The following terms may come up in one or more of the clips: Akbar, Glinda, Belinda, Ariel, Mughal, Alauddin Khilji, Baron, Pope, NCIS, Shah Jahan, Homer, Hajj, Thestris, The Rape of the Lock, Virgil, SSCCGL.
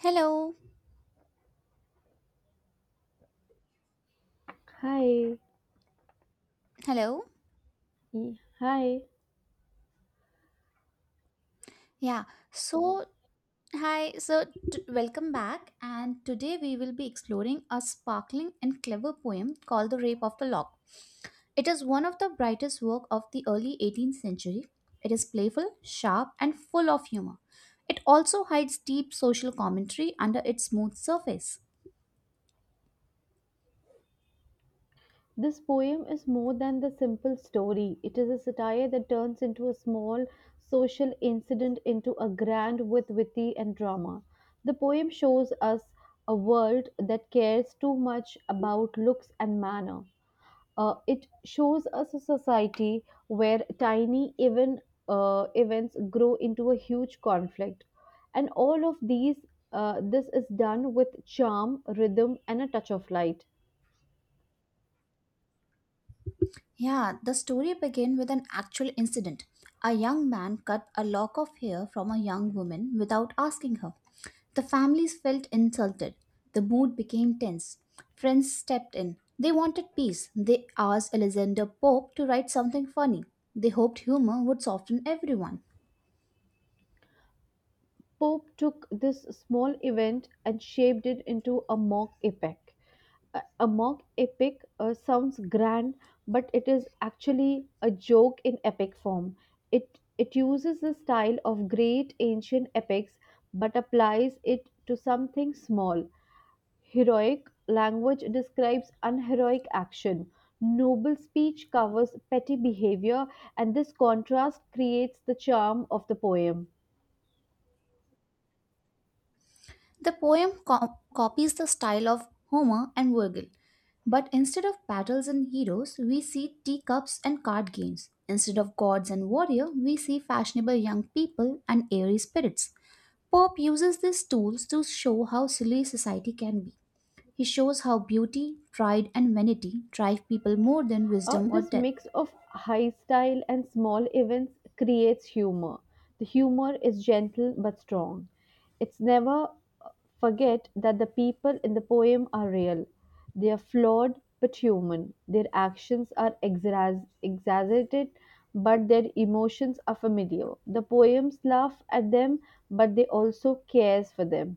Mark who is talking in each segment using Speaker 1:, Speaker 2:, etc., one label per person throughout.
Speaker 1: Hello.
Speaker 2: Hi,
Speaker 1: Hello.
Speaker 2: Hi.
Speaker 1: Yeah. So, hi. Welcome back. And today we will be exploring a sparkling and clever poem called The Rape of the Lock. It is one of the brightest work of the early 18th century. It is playful, sharp, and full of humor. It also hides deep social commentary under its smooth surface.
Speaker 2: This poem is more than the simple story. It is a satire that turns into a small social incident into a grand with witty and drama. The poem shows us a world that cares too much about looks and manner. It shows us a society where tiny even events grow into a huge conflict, and all of these. This is done with charm, rhythm, and a touch of light.
Speaker 1: Yeah, the story began with an actual incident. A young man cut a lock of hair from a young woman without asking her. The families felt insulted. The mood became tense. Friends stepped in. They wanted peace. They asked Alexander Pope to write something funny. They hoped humor would soften everyone.
Speaker 2: Pope took this small event and shaped it into a mock epic. A mock epic sounds grand, but it is actually a joke in epic form. It it uses the style of great ancient epics, but applies it to something small. Heroic language describes unheroic action. Noble speech covers petty behavior, and this contrast creates the charm of the poem.
Speaker 1: Copies the style of Homer and Virgil, but instead of battles and heroes, we see teacups and card games. Instead of gods and warrior, we see fashionable young people and airy spirits. Pope uses these tools to show how silly society can be. He shows how beauty, pride, and vanity drive people more than wisdom or
Speaker 2: This
Speaker 1: death.
Speaker 2: mix of high style and small events creates humor. The humor is gentle but strong. It's never uh, forget that the people in the poem are real. They are flawed but human. Their actions are exaggerated, but their emotions are familiar. The poems laugh at them, but they also cares for them.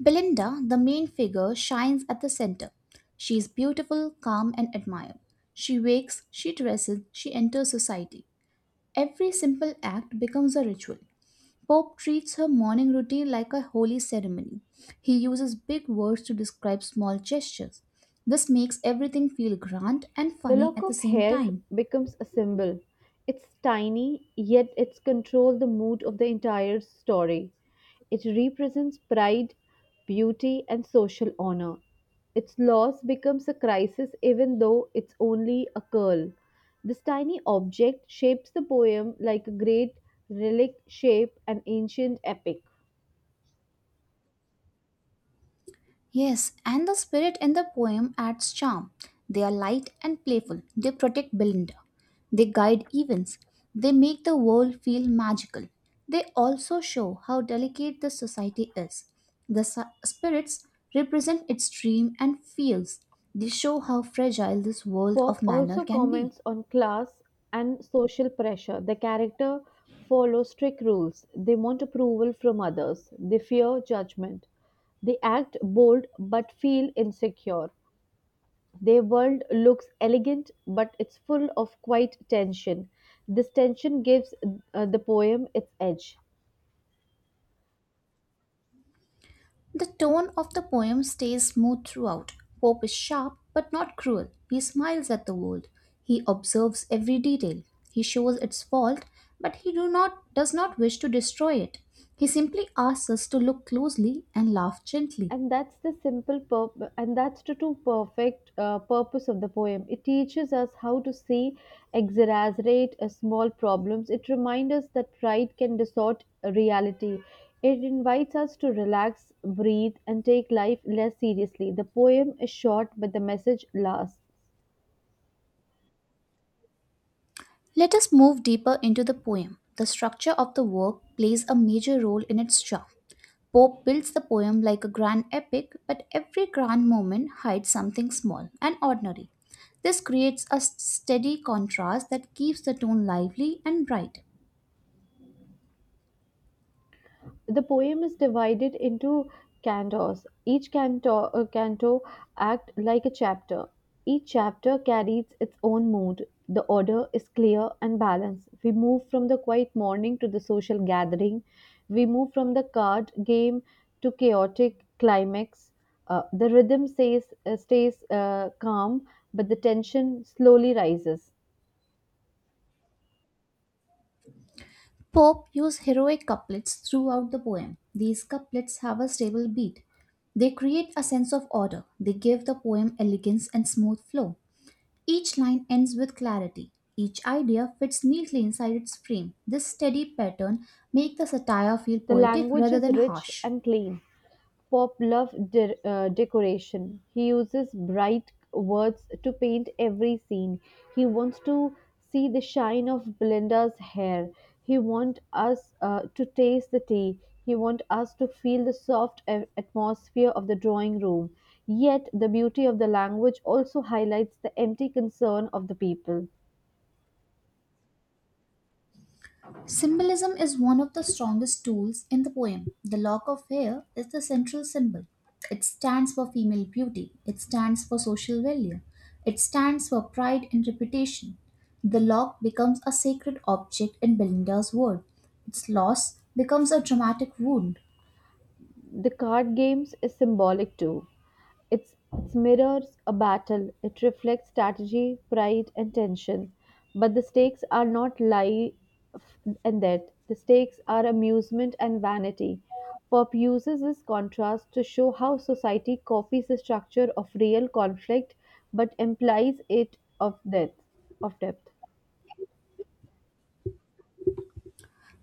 Speaker 1: Belinda, the main figure, shines at the center. She is beautiful, calm, and admired. She wakes, she dresses, she enters society. Every simple act becomes a ritual. Pope treats her morning routine like a holy ceremony. He uses big words to describe small gestures. This makes everything feel grand and
Speaker 2: The
Speaker 1: funny
Speaker 2: lock
Speaker 1: at the
Speaker 2: of
Speaker 1: same
Speaker 2: hair
Speaker 1: time.
Speaker 2: becomes a symbol. It's tiny, yet it's controls the mood of the entire story. It represents pride, beauty, and social honor. Its loss becomes a crisis even though it's only a curl. This tiny object shapes the poem like a great relic shape an ancient epic.
Speaker 1: Yes, and the spirit in the poem adds charm. They are light and playful. They protect Belinda. They guide events. They make the world feel magical. They also show how delicate the society is. Spirits represent its dream and fears. They show how fragile this world
Speaker 2: Pope
Speaker 1: of manner
Speaker 2: also
Speaker 1: can be.
Speaker 2: comments on class and social pressure. The character follow strict rules. They want approval from others. They fear judgment. They act bold but feel insecure. Their world looks elegant but it's full of quiet tension. This tension gives the poem its edge.
Speaker 1: The tone of the poem stays smooth throughout. Pope is sharp but not cruel. He smiles at the world. He observes every detail. He shows its fault, but he do not does not wish to destroy it. He simply asks us to look closely and laugh gently.
Speaker 2: And that's the true perfect purpose of the poem. It teaches us how to see exaggerate small problems. It reminds us that pride can distort reality. It invites us to relax, breathe, and take life less seriously. The poem is short but the message lasts.
Speaker 1: Let us move deeper into the poem. The structure of the work plays a major role in its charm. Pope builds the poem like a grand epic, but every grand moment hides something small and ordinary. This creates a steady contrast that keeps the tone lively and bright.
Speaker 2: The poem is divided into cantos. Each canto, act like a chapter. Each chapter carries its own mood. The order is clear and balanced. We move from the quiet morning to the social gathering. We move from the card game to chaotic climax. The rhythm stays calm, but the tension slowly rises.
Speaker 1: Pope used heroic couplets throughout the poem. These couplets have a stable beat. They create a sense of order. They give the poem elegance and smooth flow. Each line ends with clarity. Each idea fits neatly inside its frame. This steady pattern makes the satire feel
Speaker 2: The
Speaker 1: poetic
Speaker 2: language
Speaker 1: rather
Speaker 2: is
Speaker 1: than
Speaker 2: rich
Speaker 1: harsh.
Speaker 2: and clean. Pop love decoration. He uses bright words to paint every scene. He wants to see the shine of Belinda's hair. He wants us to taste the tea. He wants us to feel the soft atmosphere of the drawing room. Yet, the beauty of the language also highlights the empty concern of the people.
Speaker 1: Symbolism is one of the strongest tools in the poem. The lock of hair is the central symbol. It stands for female beauty, it stands for social value, it stands for pride and reputation. The lock becomes a sacred object in Belinda's world. Its loss becomes a dramatic wound.
Speaker 2: The card games is symbolic too. It mirrors a battle, it reflects strategy, pride, and tension. But the stakes are not life and death, the stakes are amusement and vanity. Pop uses this contrast to show how society copies the structure of real conflict but implies it of death of depth.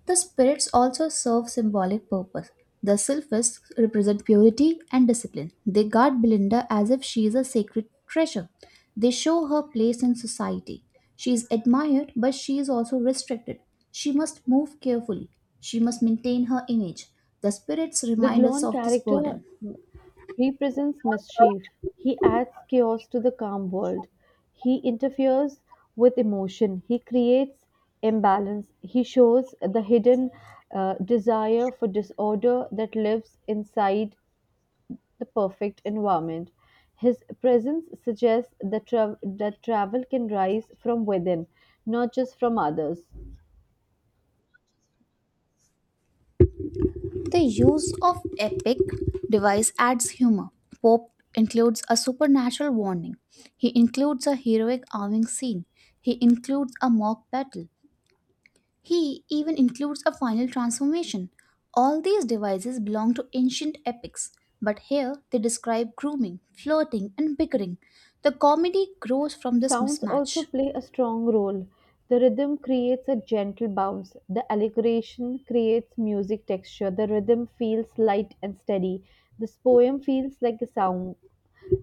Speaker 1: The spirits also serve symbolic purpose. The sylphists represent purity and discipline. They guard Belinda as if she is a sacred treasure. They show her place in society. She is admired, but she is also restricted. She must move carefully. She must maintain her image. The spirits
Speaker 2: The
Speaker 1: remind us
Speaker 2: Glon
Speaker 1: of this
Speaker 2: character
Speaker 1: burden.
Speaker 2: represents mischief. He adds chaos to the calm world. He interferes with emotion. He creates imbalance. He shows the hidden desire for disorder that lives inside the perfect environment. His presence suggests that travel can rise from within, not just from others.
Speaker 1: The use of epic device adds humor. Pope includes a supernatural warning. He includes a heroic arming scene. He includes a mock battle. He even includes a final transformation. All these devices belong to ancient epics, but here they describe grooming, flirting, and bickering. The comedy grows from this
Speaker 2: Sounds also
Speaker 1: mismatch.
Speaker 2: play a strong role. The rhythm creates a gentle bounce. The allegration creates music texture. The rhythm feels light and steady. This poem feels like a sound.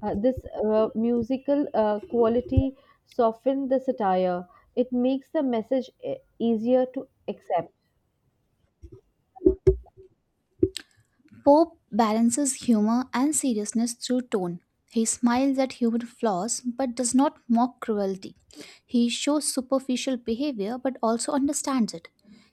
Speaker 2: This musical quality softens the satire. It makes the message easier to accept.
Speaker 1: Pope balances humor and seriousness through tone. He smiles at human flaws but does not mock cruelty. He shows superficial behavior but also understands it.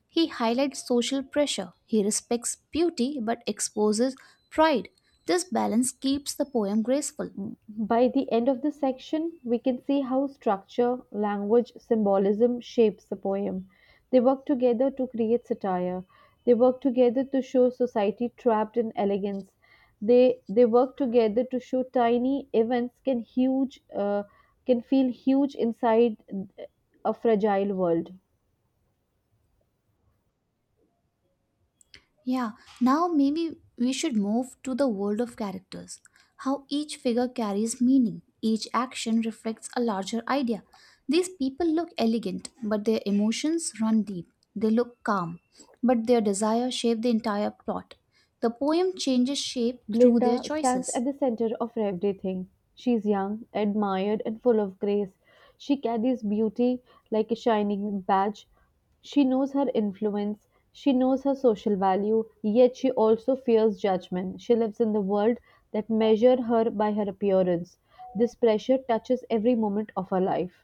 Speaker 1: He highlights social pressure. He respects beauty but exposes pride. This balance keeps the poem graceful.
Speaker 2: By the end of this section, we can see how structure, language, symbolism shapes the poem. They work together to create satire. They work together to show society trapped in elegance. They work together to show tiny events can feel huge inside a fragile world.
Speaker 1: Yeah, now maybe we should move to the world of characters. How each figure carries meaning, each action reflects a larger idea. These people look elegant, but their emotions run deep. They look calm, but their desire shape the entire plot. The poem changes shape through their
Speaker 2: Glinda stands at
Speaker 1: choices.
Speaker 2: the center of everything. She is young, admired, and full of grace. She carries beauty like a shining badge. She knows her influence. She knows her social value, yet she also fears judgment. She lives in the world that measure her by her appearance. This pressure touches every moment of her life.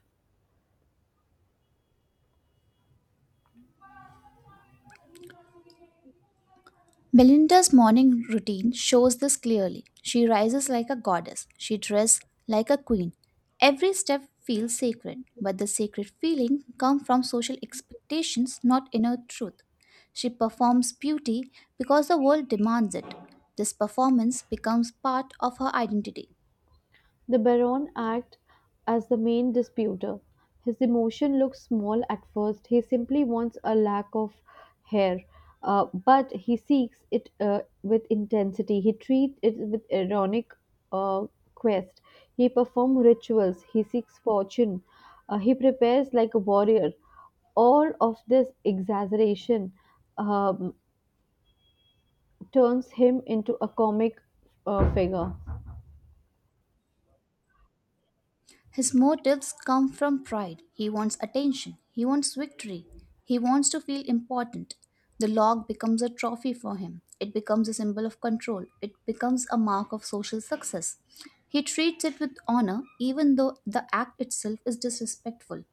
Speaker 1: Belinda's morning routine shows this clearly. She rises like a goddess, she dresses like a queen. Every step feels sacred, but the sacred feeling comes from social expectations, not inner truth. She performs beauty because the world demands it. This performance becomes part of her identity.
Speaker 2: The Baron acts as the main disputer. His emotion looks small at first. He simply wants a lack of hair, but he seeks it with intensity. He treats it with ironic uh, quest. He performs rituals. He seeks fortune. He prepares like a warrior. All of this exaggeration um, turns him into a comic figure.
Speaker 1: His motives come from pride. He wants attention. He wants victory. He wants to feel important. The log becomes a trophy for him. It becomes a symbol of control. It becomes a mark of social success. He treats it with honor, even though the act itself is disrespectful.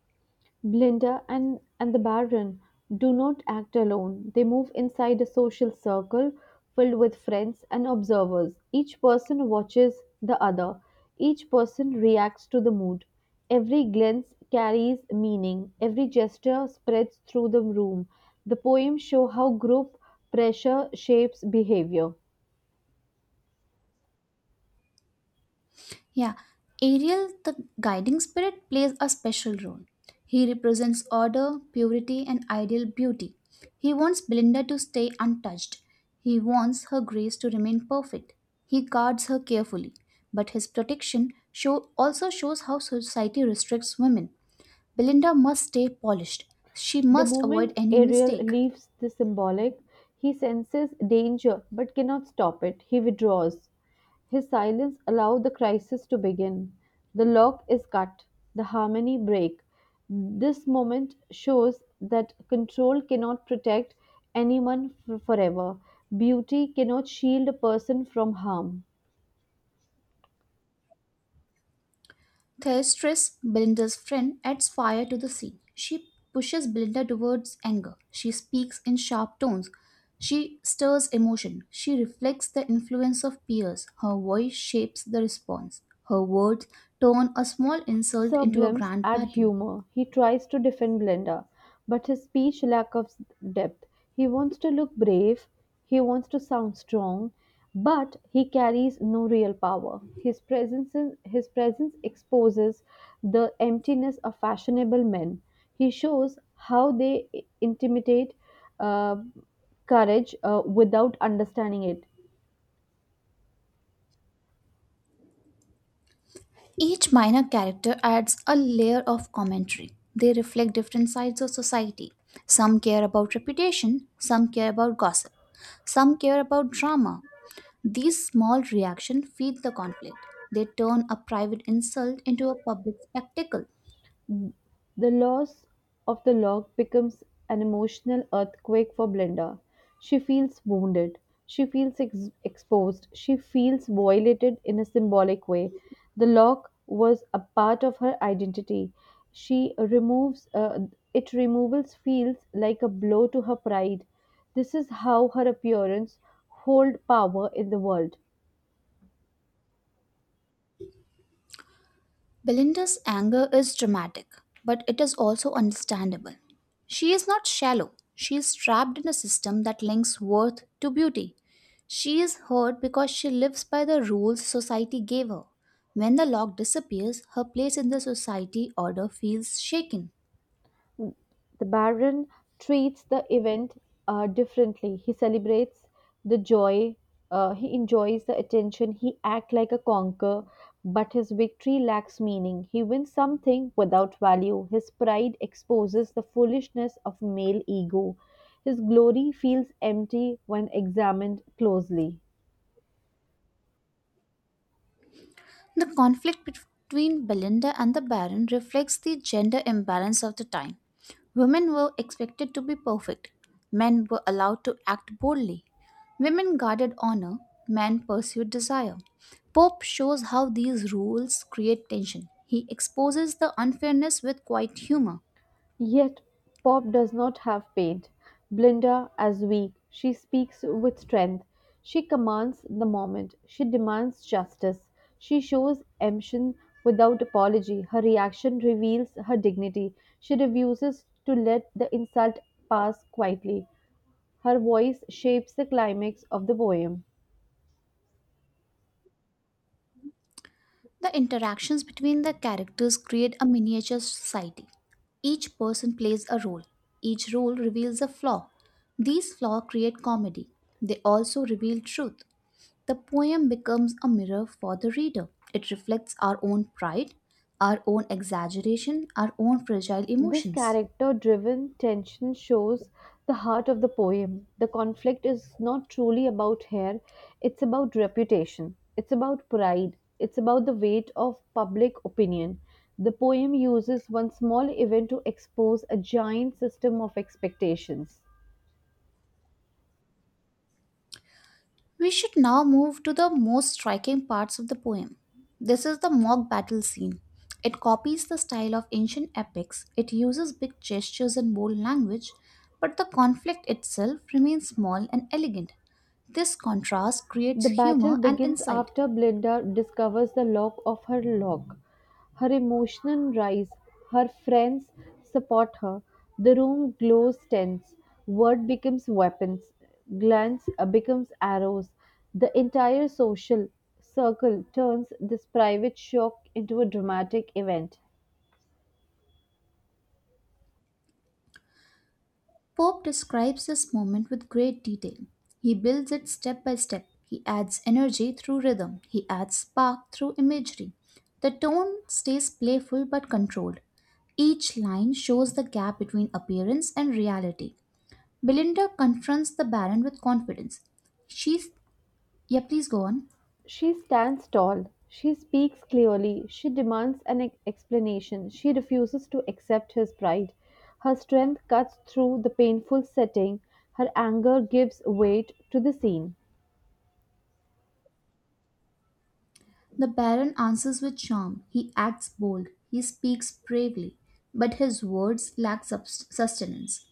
Speaker 2: Glinda and the Baron do not act alone. They move inside a social circle filled with friends and observers. Each person watches the other, each person reacts to the mood. Every glance carries meaning, every gesture spreads through the room. The poems show how group pressure shapes behavior.
Speaker 1: Yeah, Ariel, the guiding spirit, plays a special role. He represents order, purity, and ideal beauty. He wants Belinda to stay untouched. He wants her grace to remain perfect. He guards her carefully, but his protection show also shows how society restricts women. Belinda must stay polished. She
Speaker 2: The
Speaker 1: must avoid
Speaker 2: moment
Speaker 1: any
Speaker 2: Ariel
Speaker 1: mistake.
Speaker 2: leaves the symbolic, he senses danger but cannot stop it. He withdraws. His silence allows the crisis to begin. The lock is cut, the harmony break. This moment shows that control cannot protect anyone forever. Beauty cannot shield a person from harm.
Speaker 1: Thestris, Belinda's friend, adds fire to the scene. She pushes Belinda towards anger. She speaks in sharp tones. She stirs emotion. She reflects the influence of peers. Her voice shapes the response. Her words turn a small insult into a
Speaker 2: Sublimes
Speaker 1: grand
Speaker 2: add
Speaker 1: battle.
Speaker 2: humor. He tries to defend Blenda, but his speech lacks of depth. He wants to look brave, he wants to sound strong, but he carries no real power. His presence exposes the emptiness of fashionable men. He shows how they intimidate uh, courage without understanding it.
Speaker 1: Each minor character adds a layer of commentary. They reflect different sides of society. Some care about reputation, some care about gossip, some care about drama. These small reactions feed the conflict. They turn a private insult into a public spectacle.
Speaker 2: The loss of the log becomes an emotional earthquake for Blenda. She feels wounded. She feels exposed. She feels violated in a symbolic way. The log was a part of her identity. She removes it. Removals feels like a blow to her pride. This is how her appearance hold power in the world.
Speaker 1: Belinda's anger is dramatic, but it is also understandable. She is not shallow. She is trapped in a system that links worth to beauty. She is hurt because she lives by the rules society gave her. When the lock disappears, her place in the society order feels shaken.
Speaker 2: The Baron treats the event differently. He celebrates the joy, he enjoys the attention, he acts like a conqueror, but his victory lacks meaning. He wins something without value. His pride exposes the foolishness of male ego. His glory feels empty when examined closely.
Speaker 1: The conflict between Belinda and the Baron reflects the gender imbalance of the time. Women were expected to be perfect, men were allowed to act boldly. Women guarded honor, men pursued desire. Pope shows how these rules create tension. He exposes the unfairness with quiet humor.
Speaker 2: Yet Pop does not have paint Blinda, as weak, she speaks with strength. She commands the moment. She demands justice. She shows emotion without apology. Her reaction reveals her dignity. She refuses to let the insult pass quietly. Her voice shapes the climax of the poem.
Speaker 1: The interactions between the characters create a miniature society. Each person plays a role. Each role reveals a flaw. These flaws create comedy. They also reveal truth. The poem becomes a mirror for the reader. It reflects our own pride, our own exaggeration, our own fragile
Speaker 2: This
Speaker 1: emotions.
Speaker 2: character driven tension shows the heart of the poem. The conflict is not truly about hair, it's about reputation, it's about pride, it's about the weight of public opinion. The poem uses one small event to expose a giant system of expectations.
Speaker 1: We should now move to the most striking parts of the poem. This is the mock battle scene. It copies the style of ancient epics, it uses big gestures and bold language, but the conflict itself remains small and elegant. This contrast creates
Speaker 2: The battle
Speaker 1: humor and
Speaker 2: begins
Speaker 1: insight.
Speaker 2: after Glinda discovers the lock of her lock. Her emotions rise, her friends support her, the room glows tense, word becomes weapons, glance becomes arrows. The entire social circle turns this private shock into a dramatic event.
Speaker 1: Pope describes this moment with great detail. He builds it step by step. He adds energy through rhythm. He adds spark through imagery. The tone stays playful but controlled. Each line shows the gap between appearance and reality. Belinda confronts the Baron with confidence. She's. Yeah, please go on.
Speaker 2: She stands tall, she speaks clearly, she demands an explanation, she refuses to accept his pride. Her strength cuts through the painful setting, her anger gives weight to the scene.
Speaker 1: The Baron answers with charm. He acts bold. He speaks bravely. But his words lack sustenance.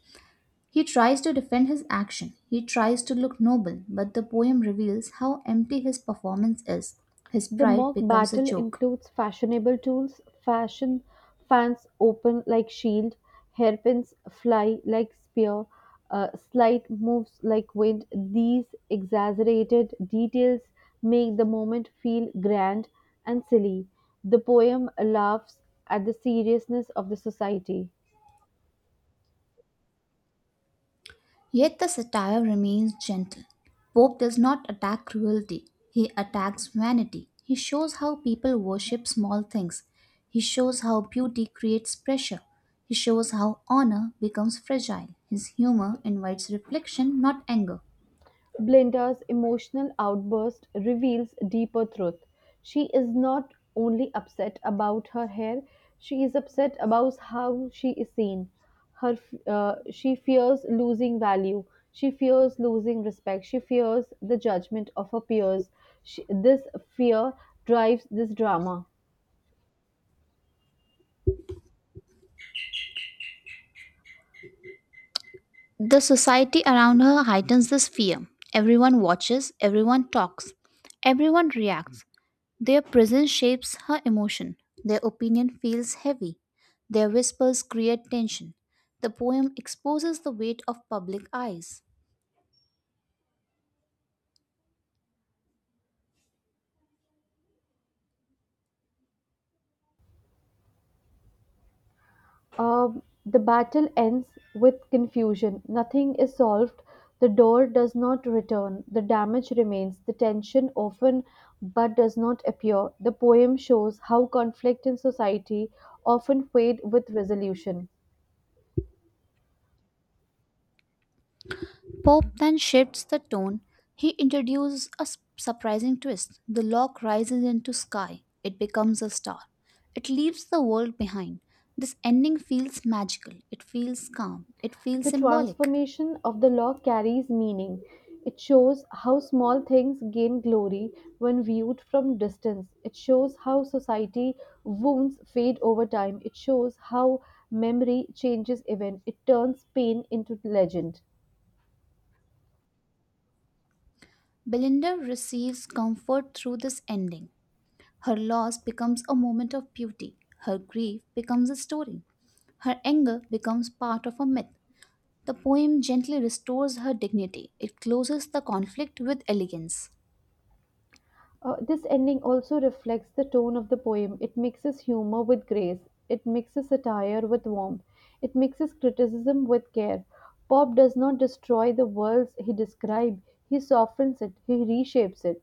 Speaker 1: He tries to defend his action, he tries to look noble, but the poem reveals how empty his performance is. His
Speaker 2: The
Speaker 1: pride
Speaker 2: mock
Speaker 1: becomes a
Speaker 2: battle
Speaker 1: joke.
Speaker 2: includes fashionable tools fashion fans open like shield, hairpins fly like spear, slight moves like wind. These exaggerated details make the moment feel grand and silly. The poem laughs at the seriousness of the society.
Speaker 1: Yet the satire remains gentle. Pope does not attack cruelty, he attacks vanity. He shows how people worship small things. He shows how beauty creates pressure. He shows how honor becomes fragile. His humor invites reflection, not anger.
Speaker 2: Blinda's emotional outburst reveals deeper truth. She is not only upset about her hair, she is upset about how she is seen. Her, she fears losing value. She fears losing respect. She fears the judgment of her peers. This fear drives this drama.
Speaker 1: The society around her heightens this fear. Everyone watches, everyone talks, everyone reacts. Their presence shapes her emotion. Their opinion feels heavy. Their whispers create tension. The poem exposes the weight of public eyes.
Speaker 2: The battle ends with confusion. Nothing is solved. The door does not return. The damage remains. The tension often but does not appear. The poem shows how conflict in society often fade with resolution.
Speaker 1: Pope then shifts the tone. He introduces a surprising twist. The lock rises into sky. It becomes a star. It leaves the world behind. This ending feels magical. It feels calm. It feels
Speaker 2: The
Speaker 1: symbolic.
Speaker 2: transformation of the law carries meaning. It shows how small things gain glory when viewed from distance. It shows how society wounds fade over time. It shows how memory changes event. It turns pain into legend.
Speaker 1: Belinda receives comfort through this ending. Her loss becomes a moment of beauty. Her grief becomes a story. Her anger becomes part of a myth. The poem gently restores her dignity. It closes the conflict with elegance.
Speaker 2: This ending also reflects the tone of the poem. It mixes humor with grace. It mixes satire with warmth. It mixes criticism with care. Pope does not destroy the worlds he describes, he softens it, he reshapes it.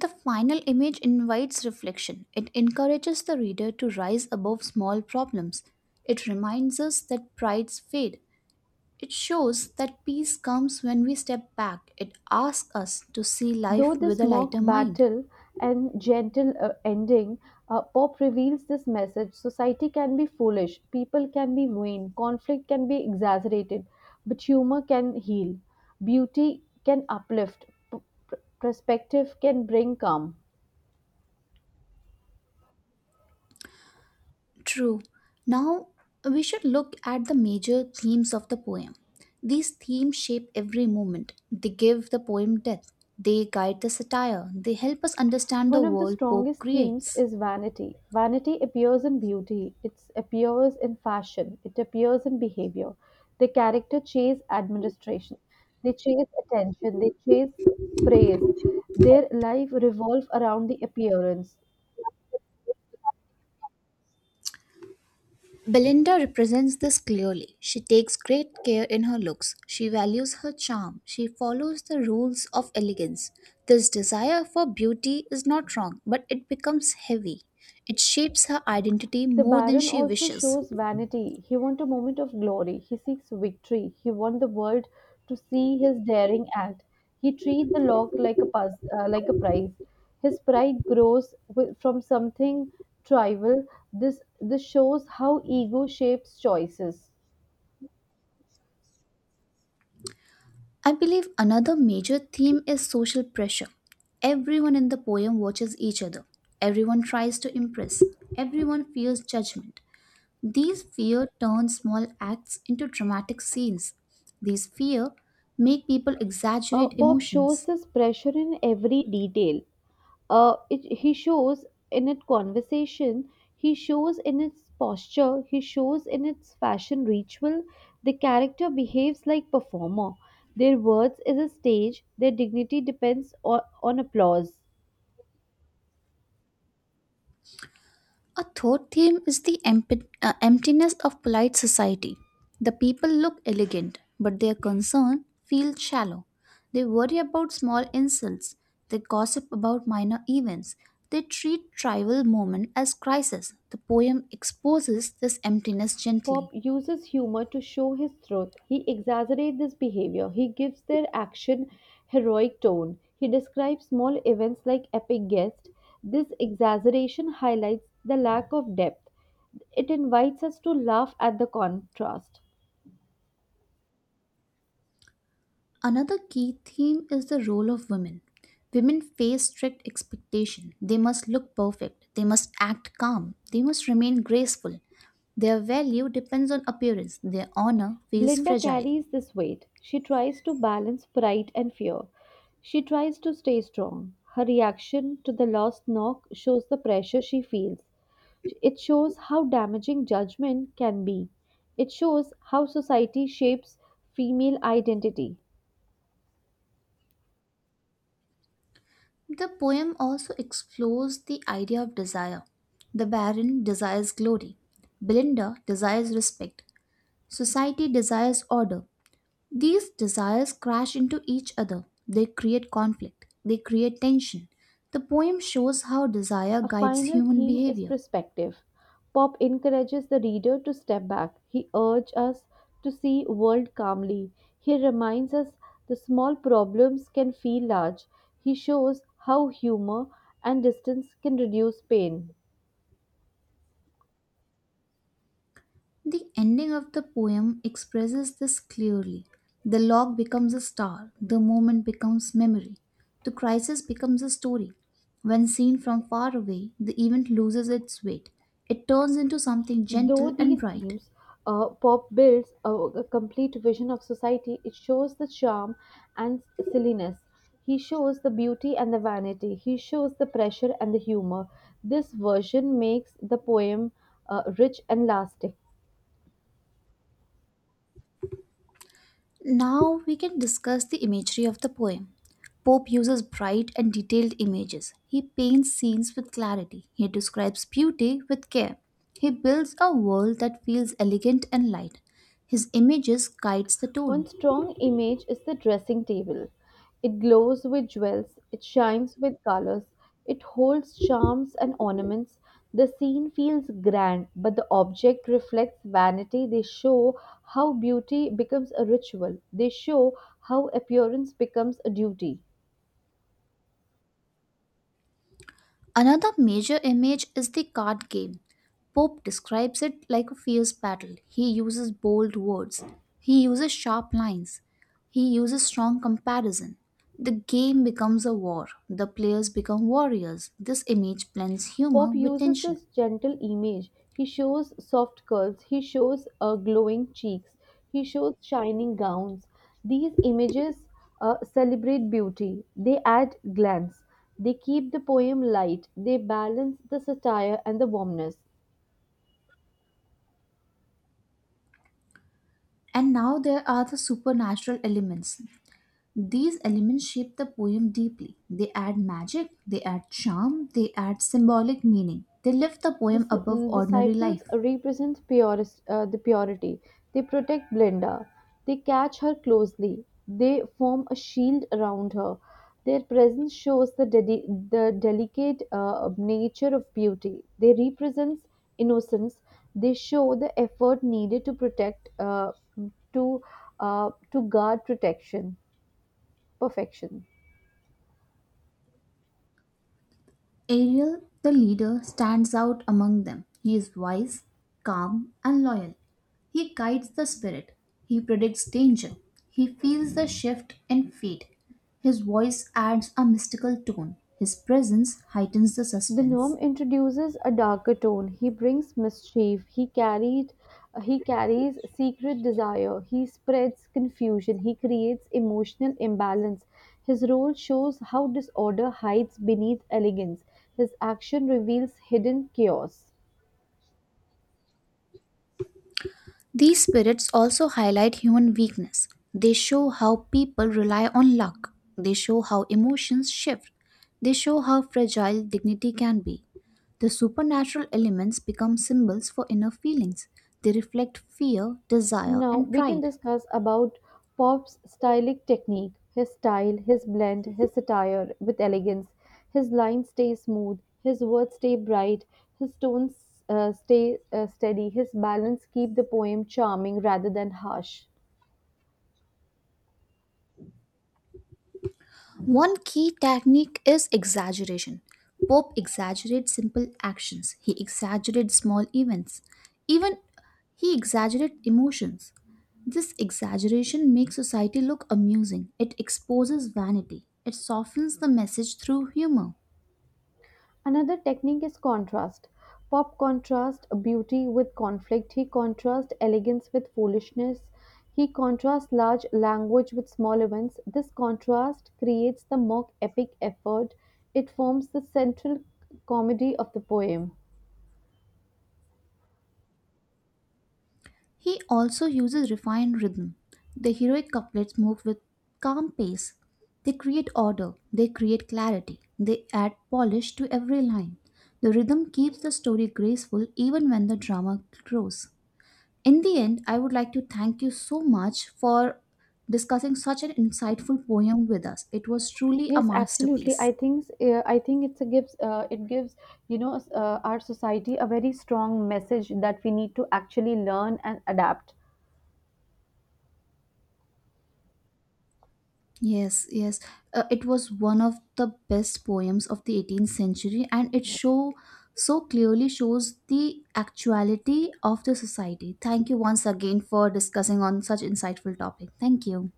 Speaker 1: The final image invites reflection. It encourages the reader to rise above small problems. It reminds us that prides fade. It shows that peace comes when we step back. It asks us to see
Speaker 2: Though
Speaker 1: life with
Speaker 2: this
Speaker 1: a
Speaker 2: mock
Speaker 1: lighter mind.
Speaker 2: battle and gentle ending, Pop reveals this message society can be foolish, people can be vain, conflict can be exaggerated, but humor can heal, beauty can uplift, perspective can bring calm.
Speaker 1: True. Now we should look at the major themes of the poem. These themes shape every moment. They give the poem depth. They guide the satire. They help us understand the
Speaker 2: One of the
Speaker 1: world Pope
Speaker 2: strongest themes
Speaker 1: creates.
Speaker 2: is vanity. Vanity appears in beauty, it appears in fashion, it appears in behavior. The character chase administration, they chase attention, they chase praise. Their life revolve around the appearance.
Speaker 1: Belinda represents this clearly. She takes great care in her looks. She values her charm. She follows the rules of elegance. This desire for beauty is not wrong, but it becomes heavy. It shapes her identity
Speaker 2: The
Speaker 1: more than
Speaker 2: Baron
Speaker 1: she
Speaker 2: also
Speaker 1: wishes.
Speaker 2: shows vanity; he wants a moment of glory, he seeks victory, he wants the world to see his daring act. He treats the lock like like a prize. His pride grows from something trivial. This shows how ego shapes choices.
Speaker 1: I believe another major theme is social pressure. Everyone in the poem watches each other. Everyone tries to impress. Everyone fears judgment. These fear turn small acts into dramatic scenes. These fear make people exaggerate
Speaker 2: Pop shows
Speaker 1: emotions.
Speaker 2: this pressure in every detail. He shows in its conversation, he shows in its posture, he shows in its fashion ritual. The character behaves like performer. Their words is a stage, their dignity depends on applause.
Speaker 1: A third theme is the emptiness of polite society. The people look elegant, but their concern feels shallow. They worry about small insults. They gossip about minor events. They treat trivial moment as crisis. The poem exposes this emptiness
Speaker 2: Pop
Speaker 1: gently.
Speaker 2: uses humor to show his truth. He exaggerates this behavior. He gives their action heroic tone. He describes small events like epic guests. This exaggeration highlights the lack of depth. It invites us to laugh at the contrast.
Speaker 1: Another key theme is the role of women. Women face strict expectation. They must look perfect. They must act calm. They must remain graceful. Their value depends on appearance. Their honor feels
Speaker 2: Glinda
Speaker 1: fragile.
Speaker 2: carries this weight. She tries to balance pride and fear. She tries to stay strong. Her reaction to the lost knock shows the pressure she feels. It shows how damaging judgment can be. It shows how society shapes female identity.
Speaker 1: The poem also explores the idea of desire. The baron desires glory. Belinda desires respect. Society desires order. These desires crash into each other. They create conflict. They create tension. The poem shows how desire
Speaker 2: A
Speaker 1: guides
Speaker 2: final
Speaker 1: human
Speaker 2: theme is
Speaker 1: behavior.
Speaker 2: perspective. Pop encourages the reader to step back. He urges us to see world calmly. He reminds us the small problems can feel large. He shows how humor and distance can reduce pain.
Speaker 1: The ending of the poem expresses this clearly. The log becomes a star. The moment becomes memory. The crisis becomes a story. When seen from far away, the event loses its weight. It turns into something
Speaker 2: Though
Speaker 1: gentle and
Speaker 2: these
Speaker 1: bright.
Speaker 2: themes, pop builds a complete vision of society. It shows the charm and silliness. He shows the beauty and the vanity. He shows the pressure and the humor. This version makes the poem rich and lasting.
Speaker 1: Now we can discuss the imagery of the poem. Pope uses bright and detailed images. He paints scenes with clarity. He describes beauty with care. He builds a world that feels elegant and light. His images guides the
Speaker 2: One
Speaker 1: tone.
Speaker 2: strong image is the dressing table. It glows with jewels, it shines with colors, it holds charms and ornaments. The scene feels grand, but the object reflects vanity. They show how beauty becomes a ritual, they show how appearance becomes a duty.
Speaker 1: Another major image is the card game. Pope describes it like a fierce battle. He uses bold words. He uses sharp lines. He uses strong comparison. The game becomes a war. The players become warriors. This image blends humor
Speaker 2: Pop
Speaker 1: with
Speaker 2: uses
Speaker 1: tension.
Speaker 2: this gentle image. He shows soft curls, he shows glowing cheeks, he shows shining gowns. These images celebrate beauty, they add glance, they keep the poem light, they balance the satire and the warmness.
Speaker 1: And now there are the supernatural elements. These elements shape the poem deeply. They add magic, they add charm, they add symbolic meaning. They lift the poem above
Speaker 2: The
Speaker 1: ordinary
Speaker 2: Seyfels
Speaker 1: life.
Speaker 2: represents the purity. They protect Glinda. They catch her closely. They form a shield around her. Their presence shows the delicate nature of beauty. They represent innocence. They show the effort needed to to, guard perfection.
Speaker 1: Ariel, the leader, stands out among them. He is wise, calm, and loyal. He guides the spirit. He predicts danger. He feels the shift in fate. His voice adds a mystical tone. His presence heightens the
Speaker 2: The
Speaker 1: suspense.
Speaker 2: gnome introduces a darker tone. He brings mischief. He carries secret desire. He spreads confusion. He creates emotional imbalance. His role shows how disorder hides beneath elegance. His action reveals hidden chaos.
Speaker 1: These spirits also highlight human weakness. They show how people rely on luck. They show how emotions shift. They show how fragile dignity can be. The supernatural elements become symbols for inner feelings. They reflect fear, desire,
Speaker 2: Now
Speaker 1: and
Speaker 2: we can
Speaker 1: pride.
Speaker 2: discuss about Pop's stylistic technique, his style, his blend, his satire with elegance. His lines stay smooth, his words stay bright, his tones stay steady, his balance keep the poem charming rather than harsh.
Speaker 1: One key technique is exaggeration. Pope exaggerates simple actions, he exaggerates small events, even he exaggerates emotions. This exaggeration makes society look amusing, it exposes vanity, it softens the message through humor.
Speaker 2: Another technique is contrast. Pop contrasts beauty with conflict. He contrasts elegance with foolishness. He contrasts large language with small events. This contrast creates the mock epic effort. It forms the central comedy of the poem.
Speaker 1: He also uses refined rhythm. The heroic couplets move with calm pace. They create order, they create clarity, they add polish to every line. The rhythm keeps the story graceful even when the drama grows. In the end, I would like to thank you so much for discussing such an insightful poem with us. It was truly a
Speaker 2: Yes, absolutely.
Speaker 1: masterpiece.
Speaker 2: I think it's a gives it gives our society a very strong message that we need to actually learn and adapt.
Speaker 1: Yes, yes. It was one of the best poems of the 18th century and it show so clearly shows the actuality of the society. Thank you once again for discussing on such insightful topic. Thank you.